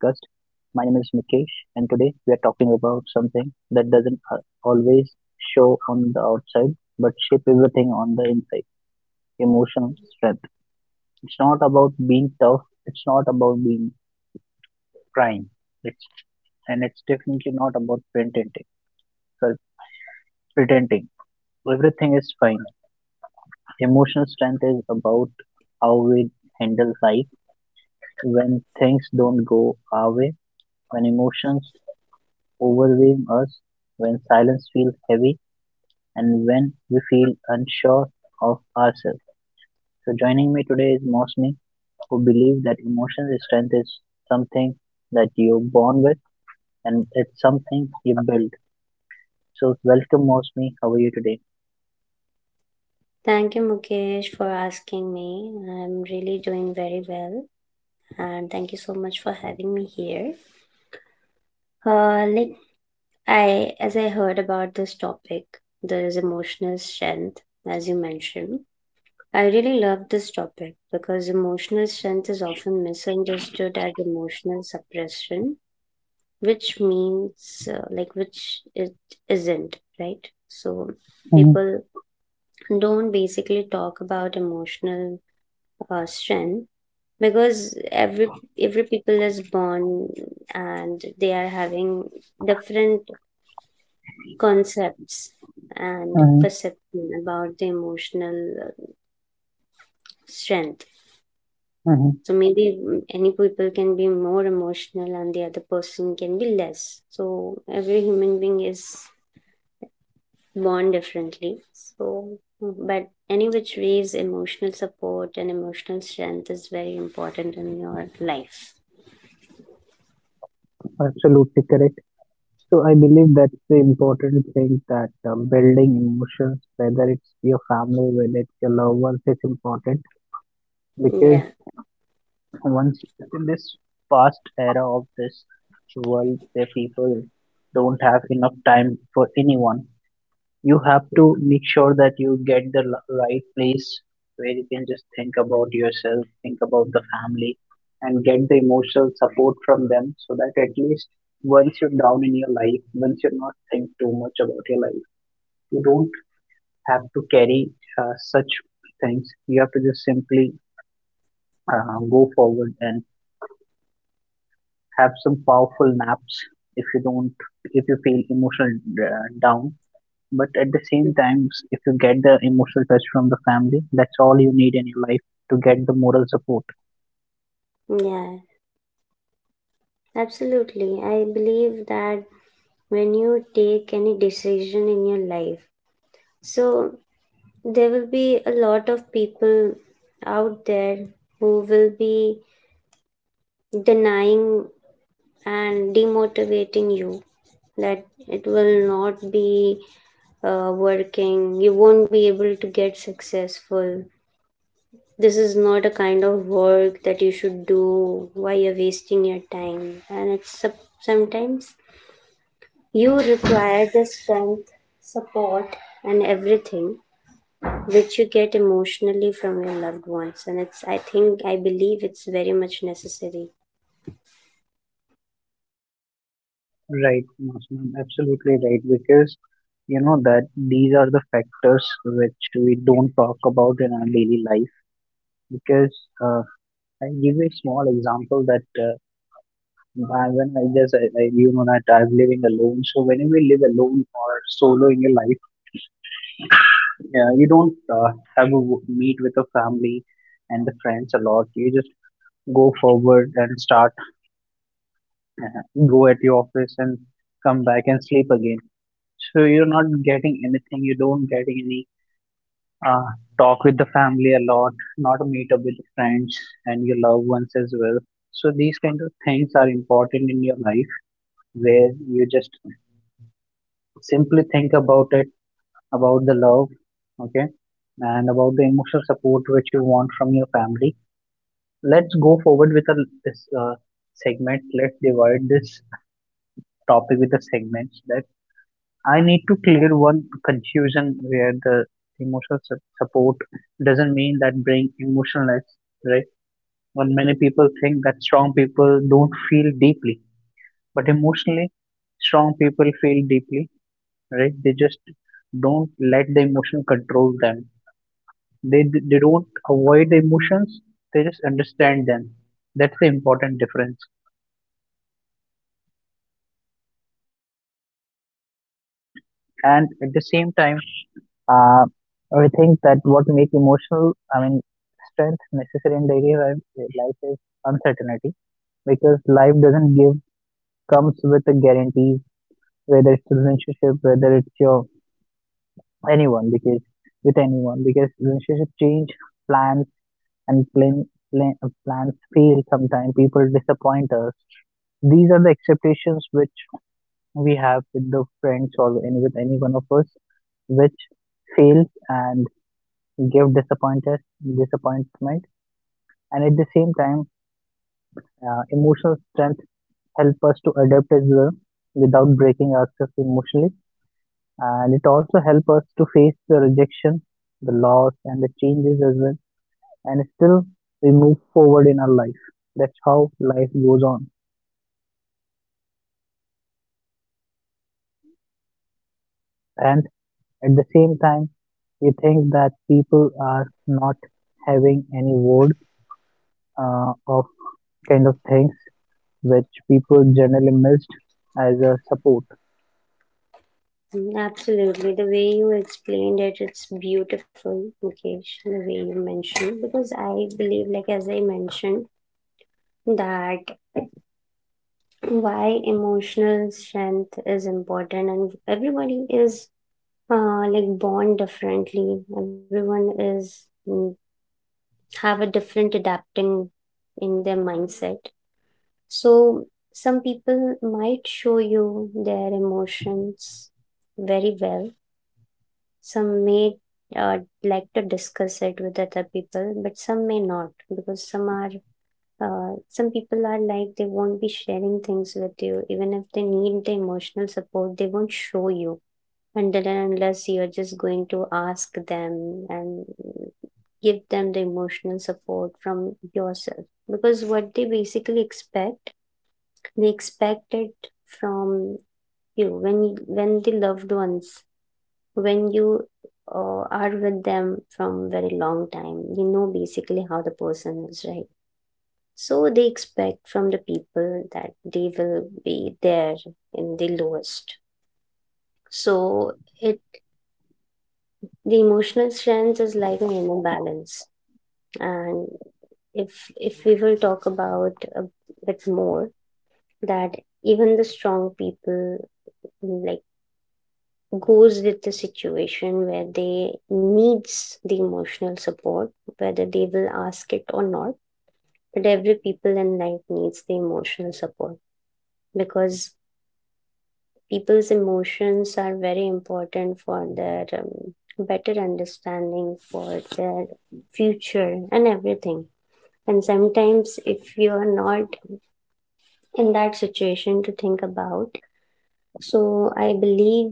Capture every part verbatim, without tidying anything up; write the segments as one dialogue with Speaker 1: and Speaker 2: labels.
Speaker 1: My name is Mikesh, and today we are talking about something that doesn't a- always show on the outside but shape everything on the inside, emotional strength. It's not about being tough, it's not about being crying, it's, and it's definitely not about pretending. sorry, Pretending. Everything is fine. Emotional strength is about how we handle life when things don't go our way, when emotions overwhelm us, when silence feels heavy, and when we feel unsure of ourselves. So, joining me today is Mosmi, who believes that emotional strength is something that you're born with and it's something you build. So, welcome, Mosmi. How are you today?
Speaker 2: Thank you, Mukesh, for asking me. I'm really doing very well, and thank you so much for having me here. Uh, like I, as I heard about this topic, there is emotional strength, as you mentioned. I really love this topic because emotional strength is often misunderstood as emotional suppression, which means uh, like which it isn't, right? So
Speaker 1: Mhm,
Speaker 2: people don't basically talk about emotional uh, strength because every every people is born and they are having different concepts and
Speaker 1: mhm,
Speaker 2: perception about the emotional strength.
Speaker 1: mhm.
Speaker 2: So maybe mm, any people can be more emotional and the other person can be less, so every human being is born differently. So mm, but any which ways, emotional support and emotional strength is very important in your life.
Speaker 1: Absolutely correct. So I believe that's the important thing, that uh, building emotions, whether it's your family, whether it's your loved ones, is important, because
Speaker 2: yeah
Speaker 1: once in this past era of this world where people don't have enough time for anyone, you have to make sure that you get the l- right place where you can just think about yourself, think about the family, and get the emotional support from them, so that at least once you're down in your life, once you're not think too much about your life, you don't have to carry uh, such things. You have to just simply uh, go forward and have some powerful naps if you don't, if you feel emotional uh, down. But at the same times, if you get the emotional touch from the family, that's all you need in your life to get the moral support.
Speaker 2: yeah Absolutely. I believe that when you take any decision in your life, so there will be a lot of people out there who will be denying and demotivating you that it will not be uh, working, you won't be able to get successful. This is not a kind of work that you should do. Why you're wasting your time? And it's sup- sometimes you require the strength, support, and everything which you get emotionally from your loved ones. And it's, I think, I believe it's very much necessary.
Speaker 1: Right, Masnun, absolutely right, because you know that these are the factors which we don't talk about in our daily life, because uh, I give you a small example, that uh, I- when I just I, I, you know that I'm living alone. So whenever you live alone or solo in your life, yeah, you don't uh, have a w- meet with the family and the friends a lot. You just go forward and start, uh, go at your office and come back and sleep again. So you're not getting anything. You don't getting any uh, talk with the family a lot, not meet up with the friends and your loved ones as well. So these kind of things are important in your life, where you just simply think about it, about the love, okay, and about the emotional support which you want from your family. Let's go forward with a, this uh, segment. Let's divide this topic with the segments. That I need to clear one confusion, where the emotional su- support doesn't mean that bring emotionless, right? When many people think that strong people don't feel deeply, but emotionally, strong people feel deeply, right? They just don't let the emotion control them. They they don't avoid the emotions. They just understand them. That's the important difference. And at the same time, uh, I think that what make emotional, I mean, strength necessary in daily life life is uncertainty, because life doesn't give comes with a guarantee, whether it's relationship, whether it's your anyone, because with anyone, because relationship change plans, and plan, plan, uh, plans fail, sometimes people disappoint us. These are the expectations which we have with the friends or any with any one of us, which fails and give disappointed disappointment. And at the same time, uh, emotional strength help us to adapt as well without breaking ourselves emotionally, and it also help us to face the rejection, the loss and the changes as well, and still we move forward in our life. That's how life goes on. And at the same time, we think that people are not having any word uh, of kind of things which people generally missed as a support.
Speaker 2: Mm, Absolutely. The way you explained it, it's beautiful, Mukesh, the way you mentioned. Because I believe, like, as I mentioned, that why emotional strength is important, and everybody is uh, like born differently, everyone is mm, have a different adapting in their mindset. So some people might show you their emotions very well. Some may uh, like to discuss it with other people, but some may not because some are uh, some people are like they won't be sharing things with you even if they need the emotional support, they won't show you until and unless you're just going to ask them and give them the emotional support from yourself. Because what they basically expect, they expect it from you when when the loved ones, when you uh, are with them from very long time, you know basically how the person is, right? So they expect from the people that they will be there in the lowest. So it. The emotional strength is like an inner balance. And if if we will talk about a bit more, that even the strong people like goes with the situation where they needs the emotional support, whether they will ask it or not. But every people in life needs the emotional support, because people's emotions are very important for their um, better understanding, for their future and everything. And sometimes if you are not in that situation to think about, so I believe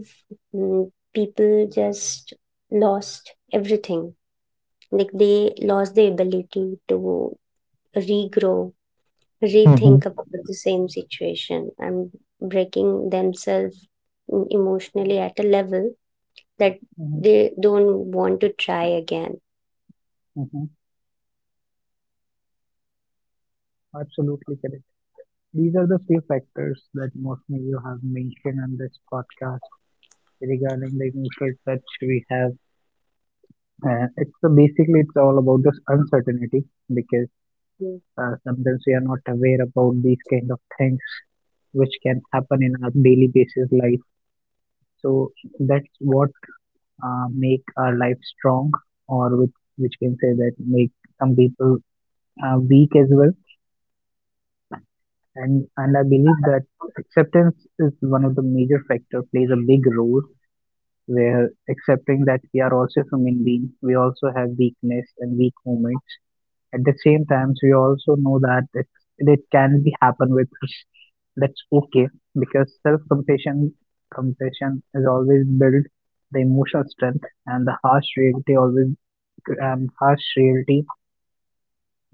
Speaker 2: mm, people just lost everything, like they lost the ability to regrow,
Speaker 1: Mm-hmm.
Speaker 2: rethink about the same situation, and breaking themselves mm, emotionally at a level that
Speaker 1: Hmm.
Speaker 2: they don't want to try again.
Speaker 1: Hmm. Absolutely correct. These are the few factors that mostly you have mentioned on this podcast regarding the emotional touch we have. Uh, it's uh, basically it's all about this uncertainty, because
Speaker 2: Mm.
Speaker 1: uh, sometimes we are not aware about these kind of things which can happen in our daily basis life. So that's what uh, make our life strong, or which which can say that make some people uh, weak as well. and and I believe that acceptance is one of the major factor plays a big role, where accepting that we are also human beings, we also have weakness and weak moments. At the same time, we also know that it, it can be happen with us. That's okay, because self compassion compassion is always build the emotional strength, and the harsh reality always, and harsh reality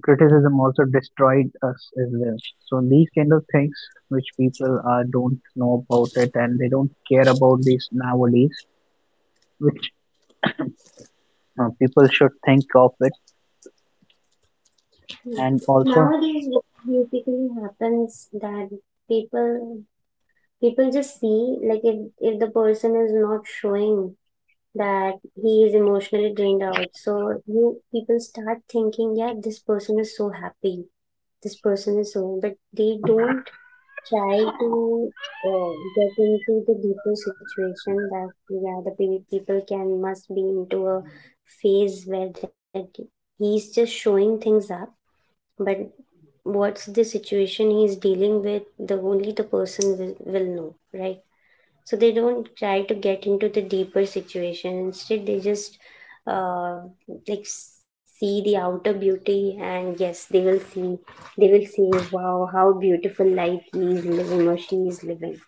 Speaker 1: criticism also destroyed us as well. So these kind of things which people uh, don't know about it and they don't care about these nowadays, which uh, people should think of it. And also,
Speaker 2: Nowadays what basically happens that people people just see like if, if the person is not showing that he is emotionally drained out, so you people start thinking, yeah, this person is so happy, this person is so, but they don't try to uh, get into the deeper situation, that yeah, the pe- people can must be into a phase where that he's just showing things up, but what's the situation he's dealing with, the only the person will, will know, right? So they don't try to get into the deeper situation, instead they just uh, like see the outer beauty, and yes, they will see, they will see, wow, how beautiful life is living or she is living.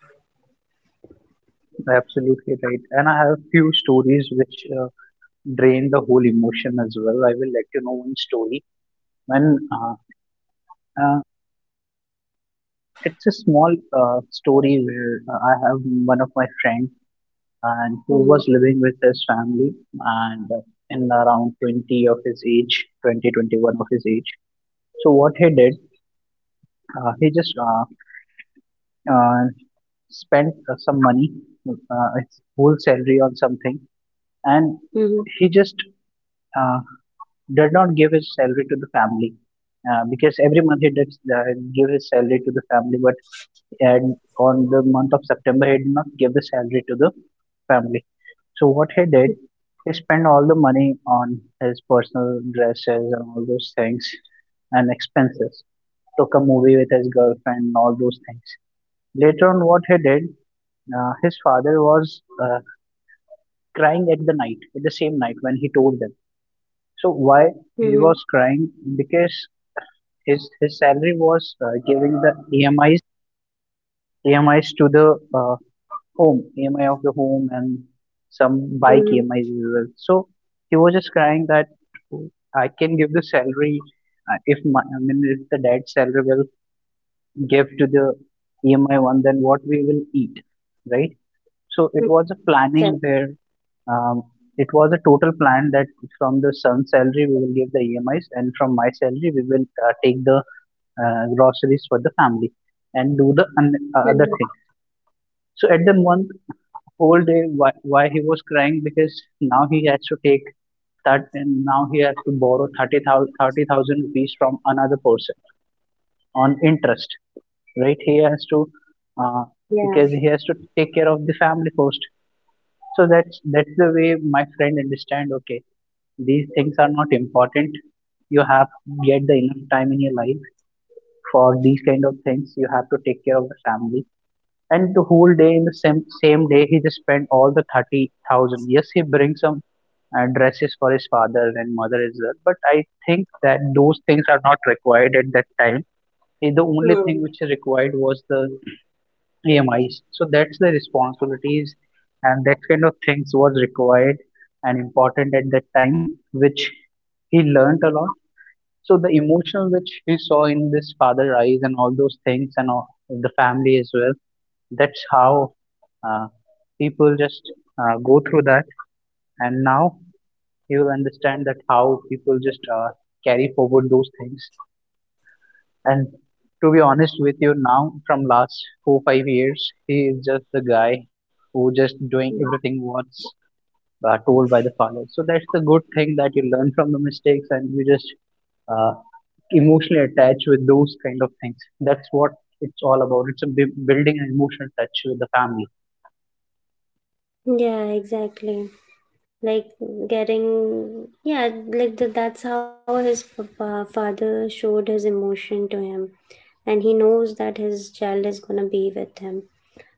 Speaker 1: absolutely right. And I have few stories which uh, drain the whole emotion as well. I will let you know one story. When uh, uh, it's a small uh, story, where uh, I have one of my friend, and who was
Speaker 2: Mm-hmm.
Speaker 1: living with his family, and uh, in around twenty of his age, twenty twenty-one of his age. So what he did, uh, he just uh, uh, spent uh, some money, uh, his whole salary on something. And
Speaker 2: Mm-hmm.
Speaker 1: he just uh, did not give his salary to the family, uh, because every month he did uh, give his salary to the family, but and on the month of September, he did not give the salary to the family. So what he did, he spent all the money on his personal dresses and all those things and expenses. Took a movie with his girlfriend and all those things. Later on, what he did, uh, his father was uh, crying at the night, at the same night when he told them. So why
Speaker 2: Mm-hmm.
Speaker 1: he was crying? Because his his salary was uh, giving the E M I E M Is to the uh, home, E M I of the home and some
Speaker 2: Mm-hmm.
Speaker 1: bike E M Is as well. So he was just crying that, "Oh, I can give the salary, uh, if my, I mean if the dad's salary will give to the E M I one, then what we will eat, right? So it was a
Speaker 2: Yeah.
Speaker 1: planning, where um, it was a total plan, that from the son's salary we will give the E M Is, and from my salary we will uh, take the uh, groceries for the family and do the un- uh,
Speaker 2: Mm-hmm.
Speaker 1: other thing. So at the month, whole day, why, why he was crying, because now he has to take that, and now he has to borrow thirty thousand thirty thousand rupees from another person on interest, right? He has to uh,
Speaker 2: Yeah.
Speaker 1: because he has to take care of the family first. So that's that's the way my friend understand, okay, these things are not important. You have get the enough time in your life for these kind of things. You have to take care of the family. And the whole day, in the same same day, he just spent all the thirty thousand. Yes, he brings some uh, dresses for his father and mother as well. But I think that those things are not required at that time. Eh, The only thing which is required was the E M Is. So that's the responsibilities, and that kind of things was required and important at that time, which he learnt a lot. So the emotion which he saw in this father eyes and all those things and all, the family as well. That's how uh, people just uh, go through that. And now he will understand that how people just uh, carry forward those things. And to be honest with you, now from last four five years, he is just the guy who just
Speaker 2: Hmm.
Speaker 1: doing everything what's uh, told by the father. So that's the good thing, that you learn from the mistakes and you just uh, emotionally attach with those kind of things. That's what it's all about. It's a bu- building an emotional touch with the family.
Speaker 2: Yeah, exactly. Like getting, yeah, like th- that's how his fa- fa- father showed his emotion to him, and he knows that his child is going to be with him.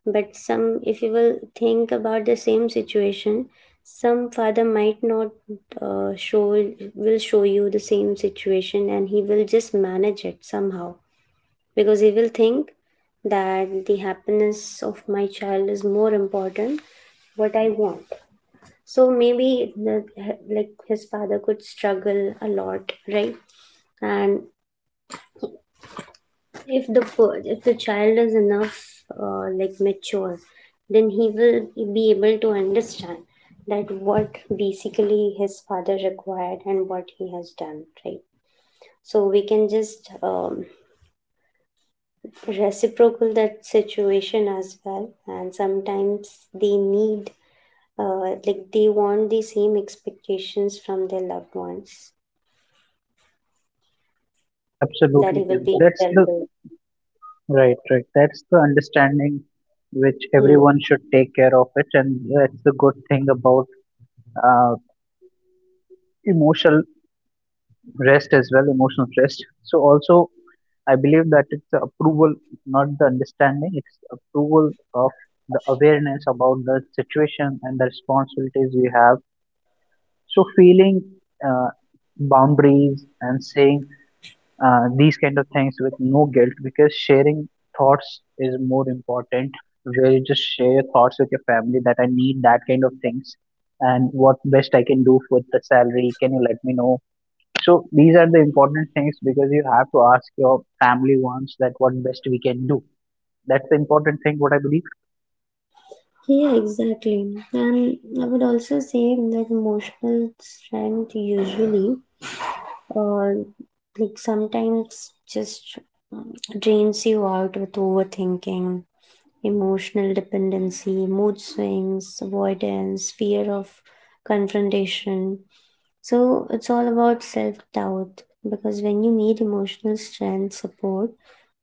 Speaker 2: But some, if you will think about the same situation, some father might not uh, show will show you the same situation and he will just manage it somehow, because he will think that the happiness of my child is more important, what I want. So maybe the, like his father could struggle a lot, right? And if the per- if the child is enough uh, like mature, then he will be able to understand that what basically his father required and what he has done, right? So we can just um, reciprocal that situation as well. And sometimes they need uh, like they want the same expectations from their loved ones, that he
Speaker 1: Absolutely,
Speaker 2: will
Speaker 1: correct.
Speaker 2: be
Speaker 1: That's the
Speaker 2: well.
Speaker 1: Right, right. That's the understanding which
Speaker 2: Hmm.
Speaker 1: everyone should take care of it, and that's the good thing about uh, emotional rest as well, emotional rest. So also, I believe that it's the approval, not the understanding. It's approval of the awareness about the situation and the responsibilities we have. So feeling uh, boundaries and saying uh, these kind of things with no guilt, because sharing thoughts is more important, where you just share your thoughts with your family, that I need that kind of things and what best I can do with the salary, can you let me know? So these are the important things, because you have to ask your family once, that what best we can do. That's the important thing what I believe.
Speaker 2: Yeah, exactly. And I would also say that emotional strength usually, or like sometimes just um, drains you out with overthinking, emotional dependency, mood swings, avoidance, fear of confrontation. So it's all about self doubt, because when you need emotional strength support,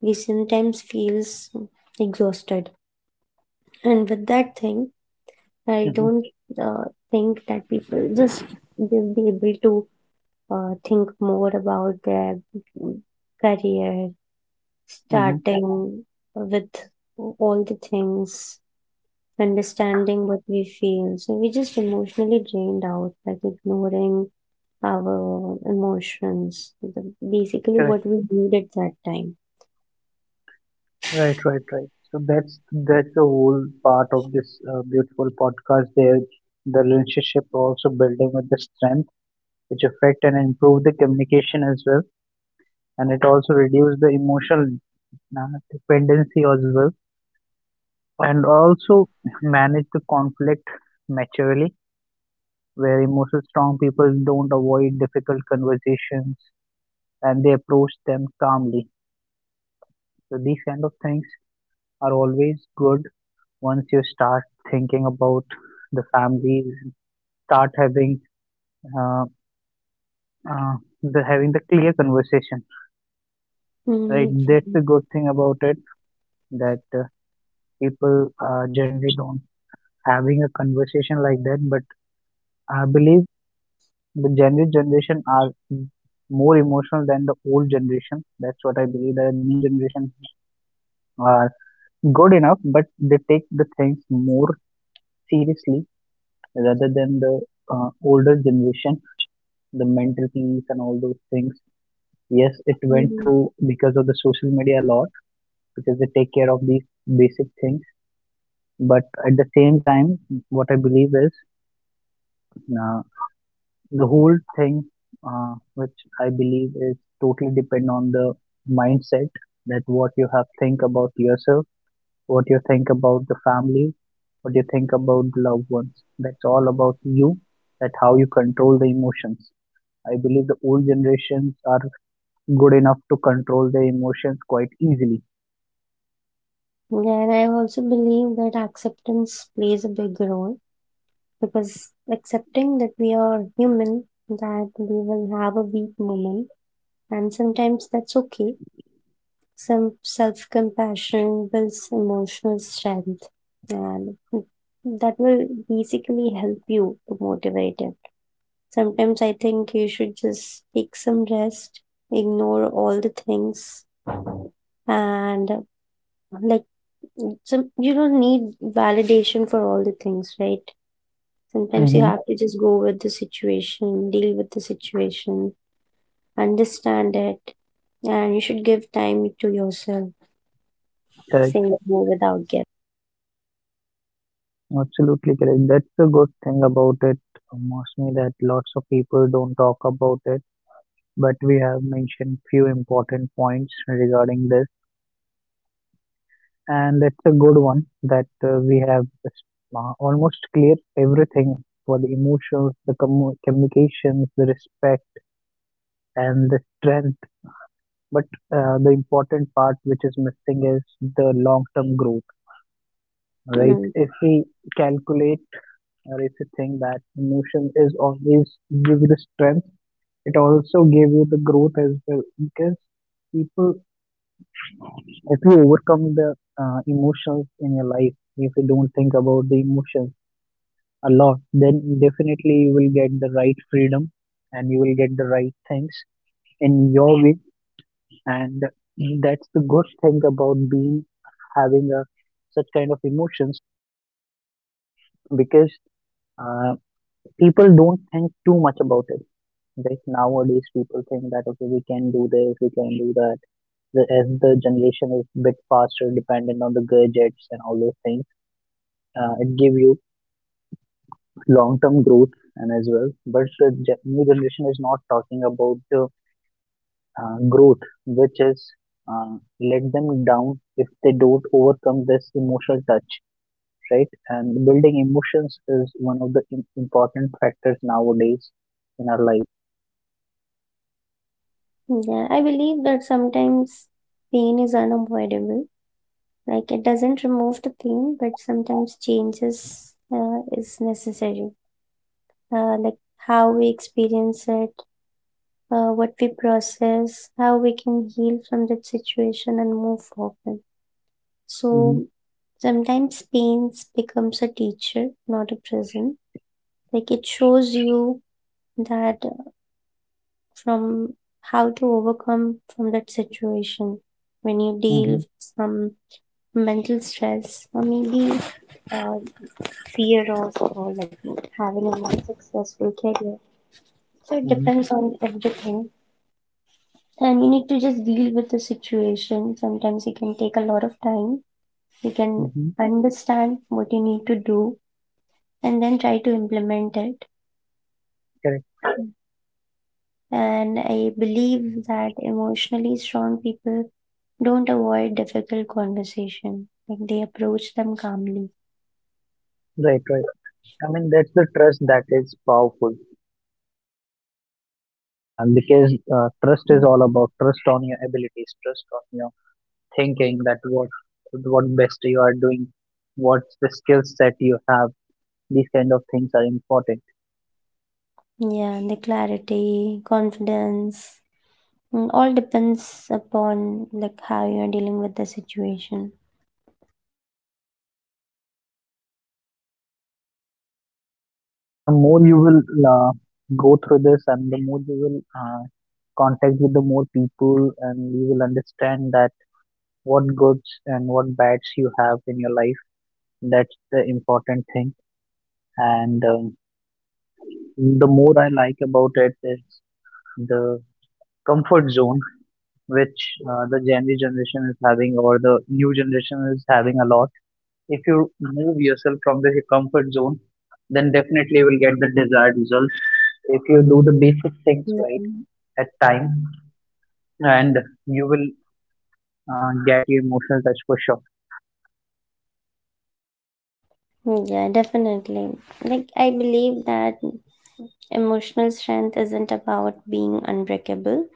Speaker 2: we sometimes feels exhausted. And with that thing, I
Speaker 1: Mm-hmm,
Speaker 2: don't uh, think that people just will be able to uh, think more about their career,
Speaker 1: mm-hmm.
Speaker 2: starting with all the things, understanding what we feel. So we just emotionally drained out, like ignoring our emotions, the- basically
Speaker 1: Correct.
Speaker 2: what we need at that time.
Speaker 1: Right, right, right. So that's that's the whole part of this uh, beautiful podcast. There, the relationship also building with the strength. Which affect and improve the communication as well, and it also reduce the emotional uh, dependency as well, and also manage the conflict maturely, where emotional strong people don't avoid difficult conversations and they approach them calmly. So these kind of things are always good once you start thinking about the family, start having uh, uh, the having the clear conversation, right?
Speaker 2: Mm,
Speaker 1: That's the good thing about it, that uh, people uh, generally don't having a conversation like that. But I believe the general generation are more emotional than the old generation. That's what I believe. The new generation are good enough, but they take the things more seriously rather than the uh, older generation, the mental peace and all those things. Yes, it went
Speaker 2: mm.
Speaker 1: through because of the social media a lot, because they take care of these basic things. But at the same time, what I believe is uh, the whole thing uh, which I believe is totally depend on the mindset, that what you have think about yourself, what you think about the family, what you think about the loved ones. That's all about you, that how you control the emotions. I believe the old generations are good enough to control their emotions quite easily.
Speaker 2: Yeah, I also believe that acceptance plays a big role, because accepting that we are human, that we will have a weak moment, and sometimes that's okay. Some self compassion builds emotional strength, and that will basically help you to motivate it. Sometimes I think you should just take some rest, ignore all the things, and like some, you don't need validation for all the things, right? Sometimes you
Speaker 1: Mm-hmm.
Speaker 2: have to just go with the situation, deal with the situation, understand it, and you should give time to yourself,
Speaker 1: Correct.
Speaker 2: saying no without guilt.
Speaker 1: Absolutely correct. That's the good thing about it, mostly, that lots of people don't talk about it, but we have mentioned few important points regarding this, and it's a good one that uh, we have uh, almost cleared everything for the emotions, the commu- communications, the respect, and the strength. But uh, the important part which is missing is the long term growth, right?
Speaker 2: Mm.
Speaker 1: If we calculate or if you think that emotion is always give you the strength, it also give you the growth as well, because people, if you overcome the uh, emotions in your life, if you don't think about the emotions a lot, then definitely you will get the right freedom and you will get the right things in your way. And that's the good thing about being having a such kind of emotions, because uh, people don't think too much about it. Like nowadays, people think that okay, we can do this, we can do that. The, as the generation is bit faster, dependent on the gadgets and all those things, uh, it give you long-term growth and as well. But the ge- new generation is not talking about the uh, growth, which is uh, let them down if they don't overcome this emotional touch, right? And building emotions is one of the im- important factors nowadays in our life.
Speaker 2: Yeah, I believe that sometimes pain is unavoidable. Like it doesn't remove the pain, but sometimes changes uh, is necessary. Uh, like how we experience it, uh, what we process, how we can heal from that situation and move forward.
Speaker 1: Mm-hmm,
Speaker 2: So sometimes pains becomes a teacher, not a prison. Like it shows you that from how to overcome from that situation when you deal
Speaker 1: mm-hmm,
Speaker 2: with some mental stress or maybe uh, fear of, or like having a not successful career. So it
Speaker 1: mm-hmm,
Speaker 2: depends on everything. And you need to just deal with the situation. Sometimes it can take a lot of time. You can
Speaker 1: mm-hmm.
Speaker 2: understand what you need to do and then try to implement it.
Speaker 1: Correct.
Speaker 2: And I believe that emotionally strong people don't avoid difficult conversation. Like they approach them calmly.
Speaker 1: Right, right. I mean, that's the trust that is powerful, uh, because uh, trust is
Speaker 2: Mm.
Speaker 1: all about trust on your abilities, trust on your thinking, that what what best you are doing, what's the skill set you have. These kind of things are important.
Speaker 2: Yeah, and the clarity, confidence, mm, all depends upon like how you are dealing with the situation.
Speaker 1: The more you will uh, go through this, and the more you will uh, contact with the more people, and you will understand that what goods and what bads you have in your life. That's the important thing. And um, the more I like about it is the comfort zone which uh, the Gen Z generation is having, or the new generation is having a lot. If you move yourself from the comfort zone, then definitely you will get the desired results. If you do the basic things
Speaker 2: Yeah.
Speaker 1: right at time, and you will uh, get your emotional touch for sure.
Speaker 2: Yeah, definitely. Like I believe that emotional strength isn't about being unbreakable.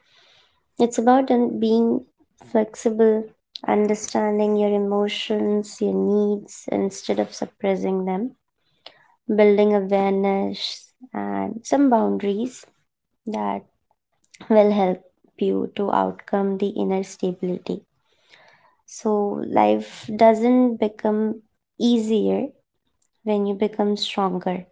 Speaker 2: It's about un- being flexible, understanding your emotions, your needs, instead of suppressing them, building awareness and some boundaries that will help you to outcome the inner stability. So, life doesn't become easier when you become stronger.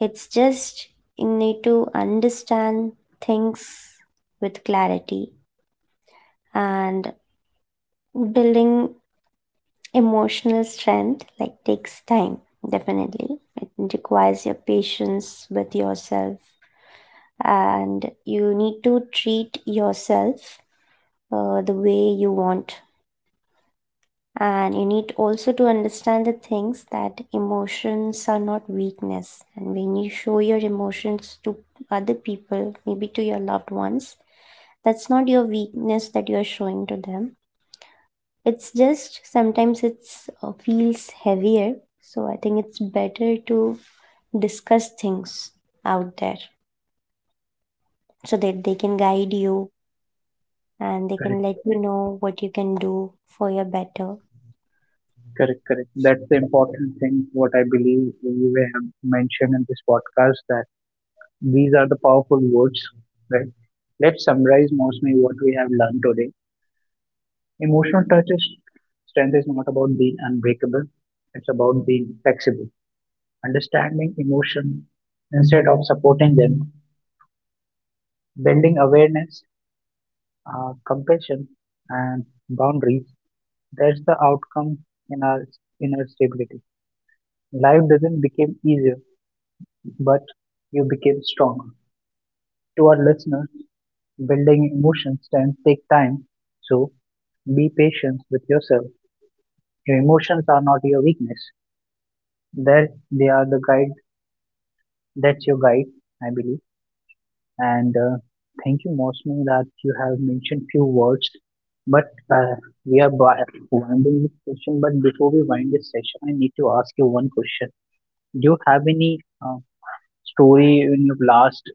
Speaker 2: It's just, you need to understand things with clarity, and building emotional strength like takes time, definitely. It requires your patience with yourself, and you need to treat yourself uh, the way you want. And you need also to understand the things that emotions are not weakness. And when you show your emotions to other people, maybe to your loved ones, that's not your weakness that you're showing to them. It's just sometimes it's uh, feels heavier, so I think it's better to discuss things out there so that they can guide you and they
Speaker 1: Correct,
Speaker 2: can let you know what you can do for your better.
Speaker 1: correct, correct. That's the important thing. What I believe we have mentioned in this podcast, that these are the powerful words. Right. Let's summarize mostly what we have learned today. Emotional touch is strength is not about being unbreakable. It's about being flexible, understanding emotion instead of supporting them, building awareness, uh, compassion, and boundaries. That's the outcome in our inner stability. Life doesn't become easier, but you became stronger. To our listeners, building emotions can take time, so be patient with yourself. Your emotions are not your weakness; they they are the guide. That's your guide, I believe. And uh, thank you mostly that you have mentioned few words, but uh, we are by winding this session. But before we wind this session, I need to ask you one question. Do you have any uh, story in your last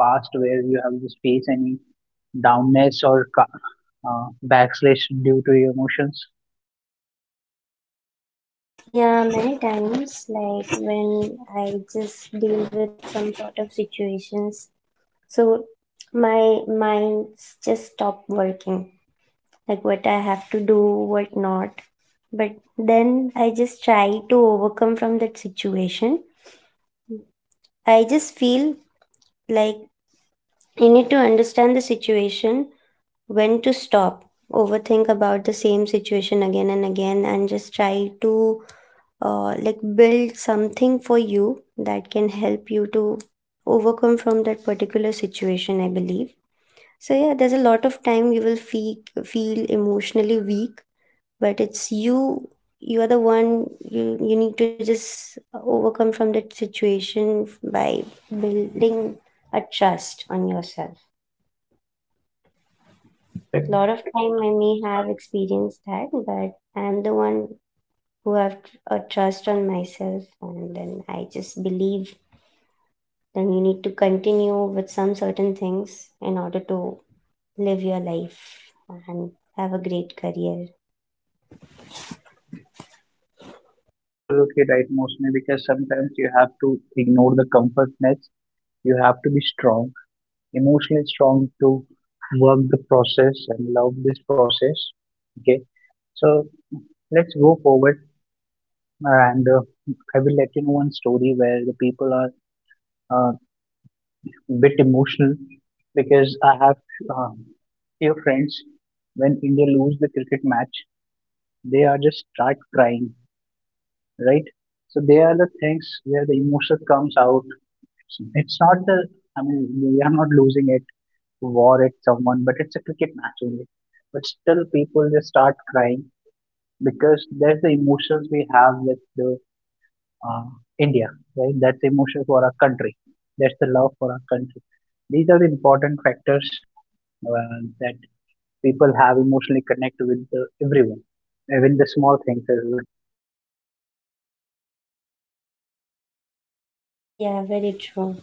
Speaker 1: past where you have just faced any downness or ca- uh, backslash due to your emotions?
Speaker 2: Yeah, many times, like when I just deal with some sort of situations, so my minds just stop working, like what I have to do, what not. But then I just try to overcome from that situation. I just feel like you need to understand the situation, when to stop, overthink about the same situation again and again, and just try to uh, like build something for you that can help you to overcome from that particular situation, I believe. So yeah, there's a lot of time you will feel feel emotionally weak, but it's you, you are the one, you you need to just overcome from that situation by building a trust on yourself. A lot of time I may have experienced that, but I'm the one who have a trust on myself, and then I just believe then you need to continue with some certain things in order to live your life and have a great career.
Speaker 1: Absolutely right, mostly, because sometimes you have to ignore the comfortness. You have to be strong, emotionally strong, to work the process and love this process. Okay, so let's go forward, and uh, I will let you know one story where the people are uh, a bit emotional, because I have uh, few friends, when India lose the cricket match, they are just start crying, right? So they are the things where the emotion comes out. It's not the, I mean, we are not losing it war at someone, but it's a cricket match only. But still, people just start crying, because there's the emotions we have with the uh, India, right? That's the emotion for our country. That's the love for our country. These are the important factors, uh, that people have emotionally connect with the, everyone, even the small things as well.
Speaker 2: Yeah, very true.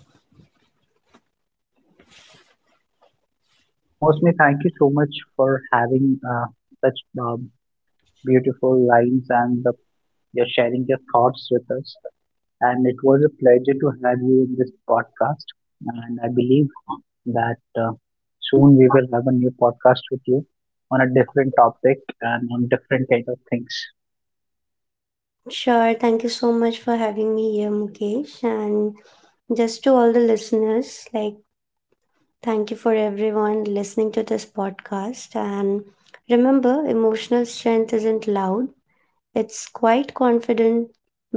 Speaker 1: So, mostly, thank you so much for having uh, such um, beautiful lines, and the, you're sharing your thoughts with us, and it was a pleasure to have you in this podcast. And I believe that uh, soon we will have a new podcast with you on a different topic and on different kind of things.
Speaker 2: Sure. Thank you so much for having me here, Mukesh. And just to all the listeners, like, thank you for everyone listening to this podcast. And remember, emotional strength isn't loud, it's quite confident,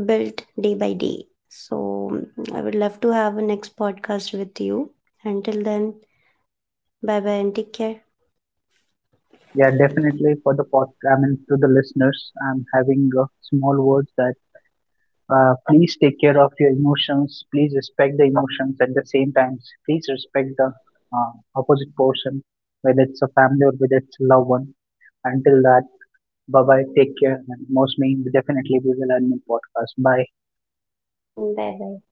Speaker 2: built day by day. So, I would love to have a next podcast with you. Until then, bye bye and take care.
Speaker 1: Yeah, definitely for the pod. I mean, to the listeners, I'm having uh, small words, that uh, please take care of your emotions. Please respect the emotions at the same time. Please respect the uh, opposite person, whether it's a family or whether it's a loved one. Until that, bye bye. Take care. And most mean definitely we will end the podcast. Bye.
Speaker 2: Bye.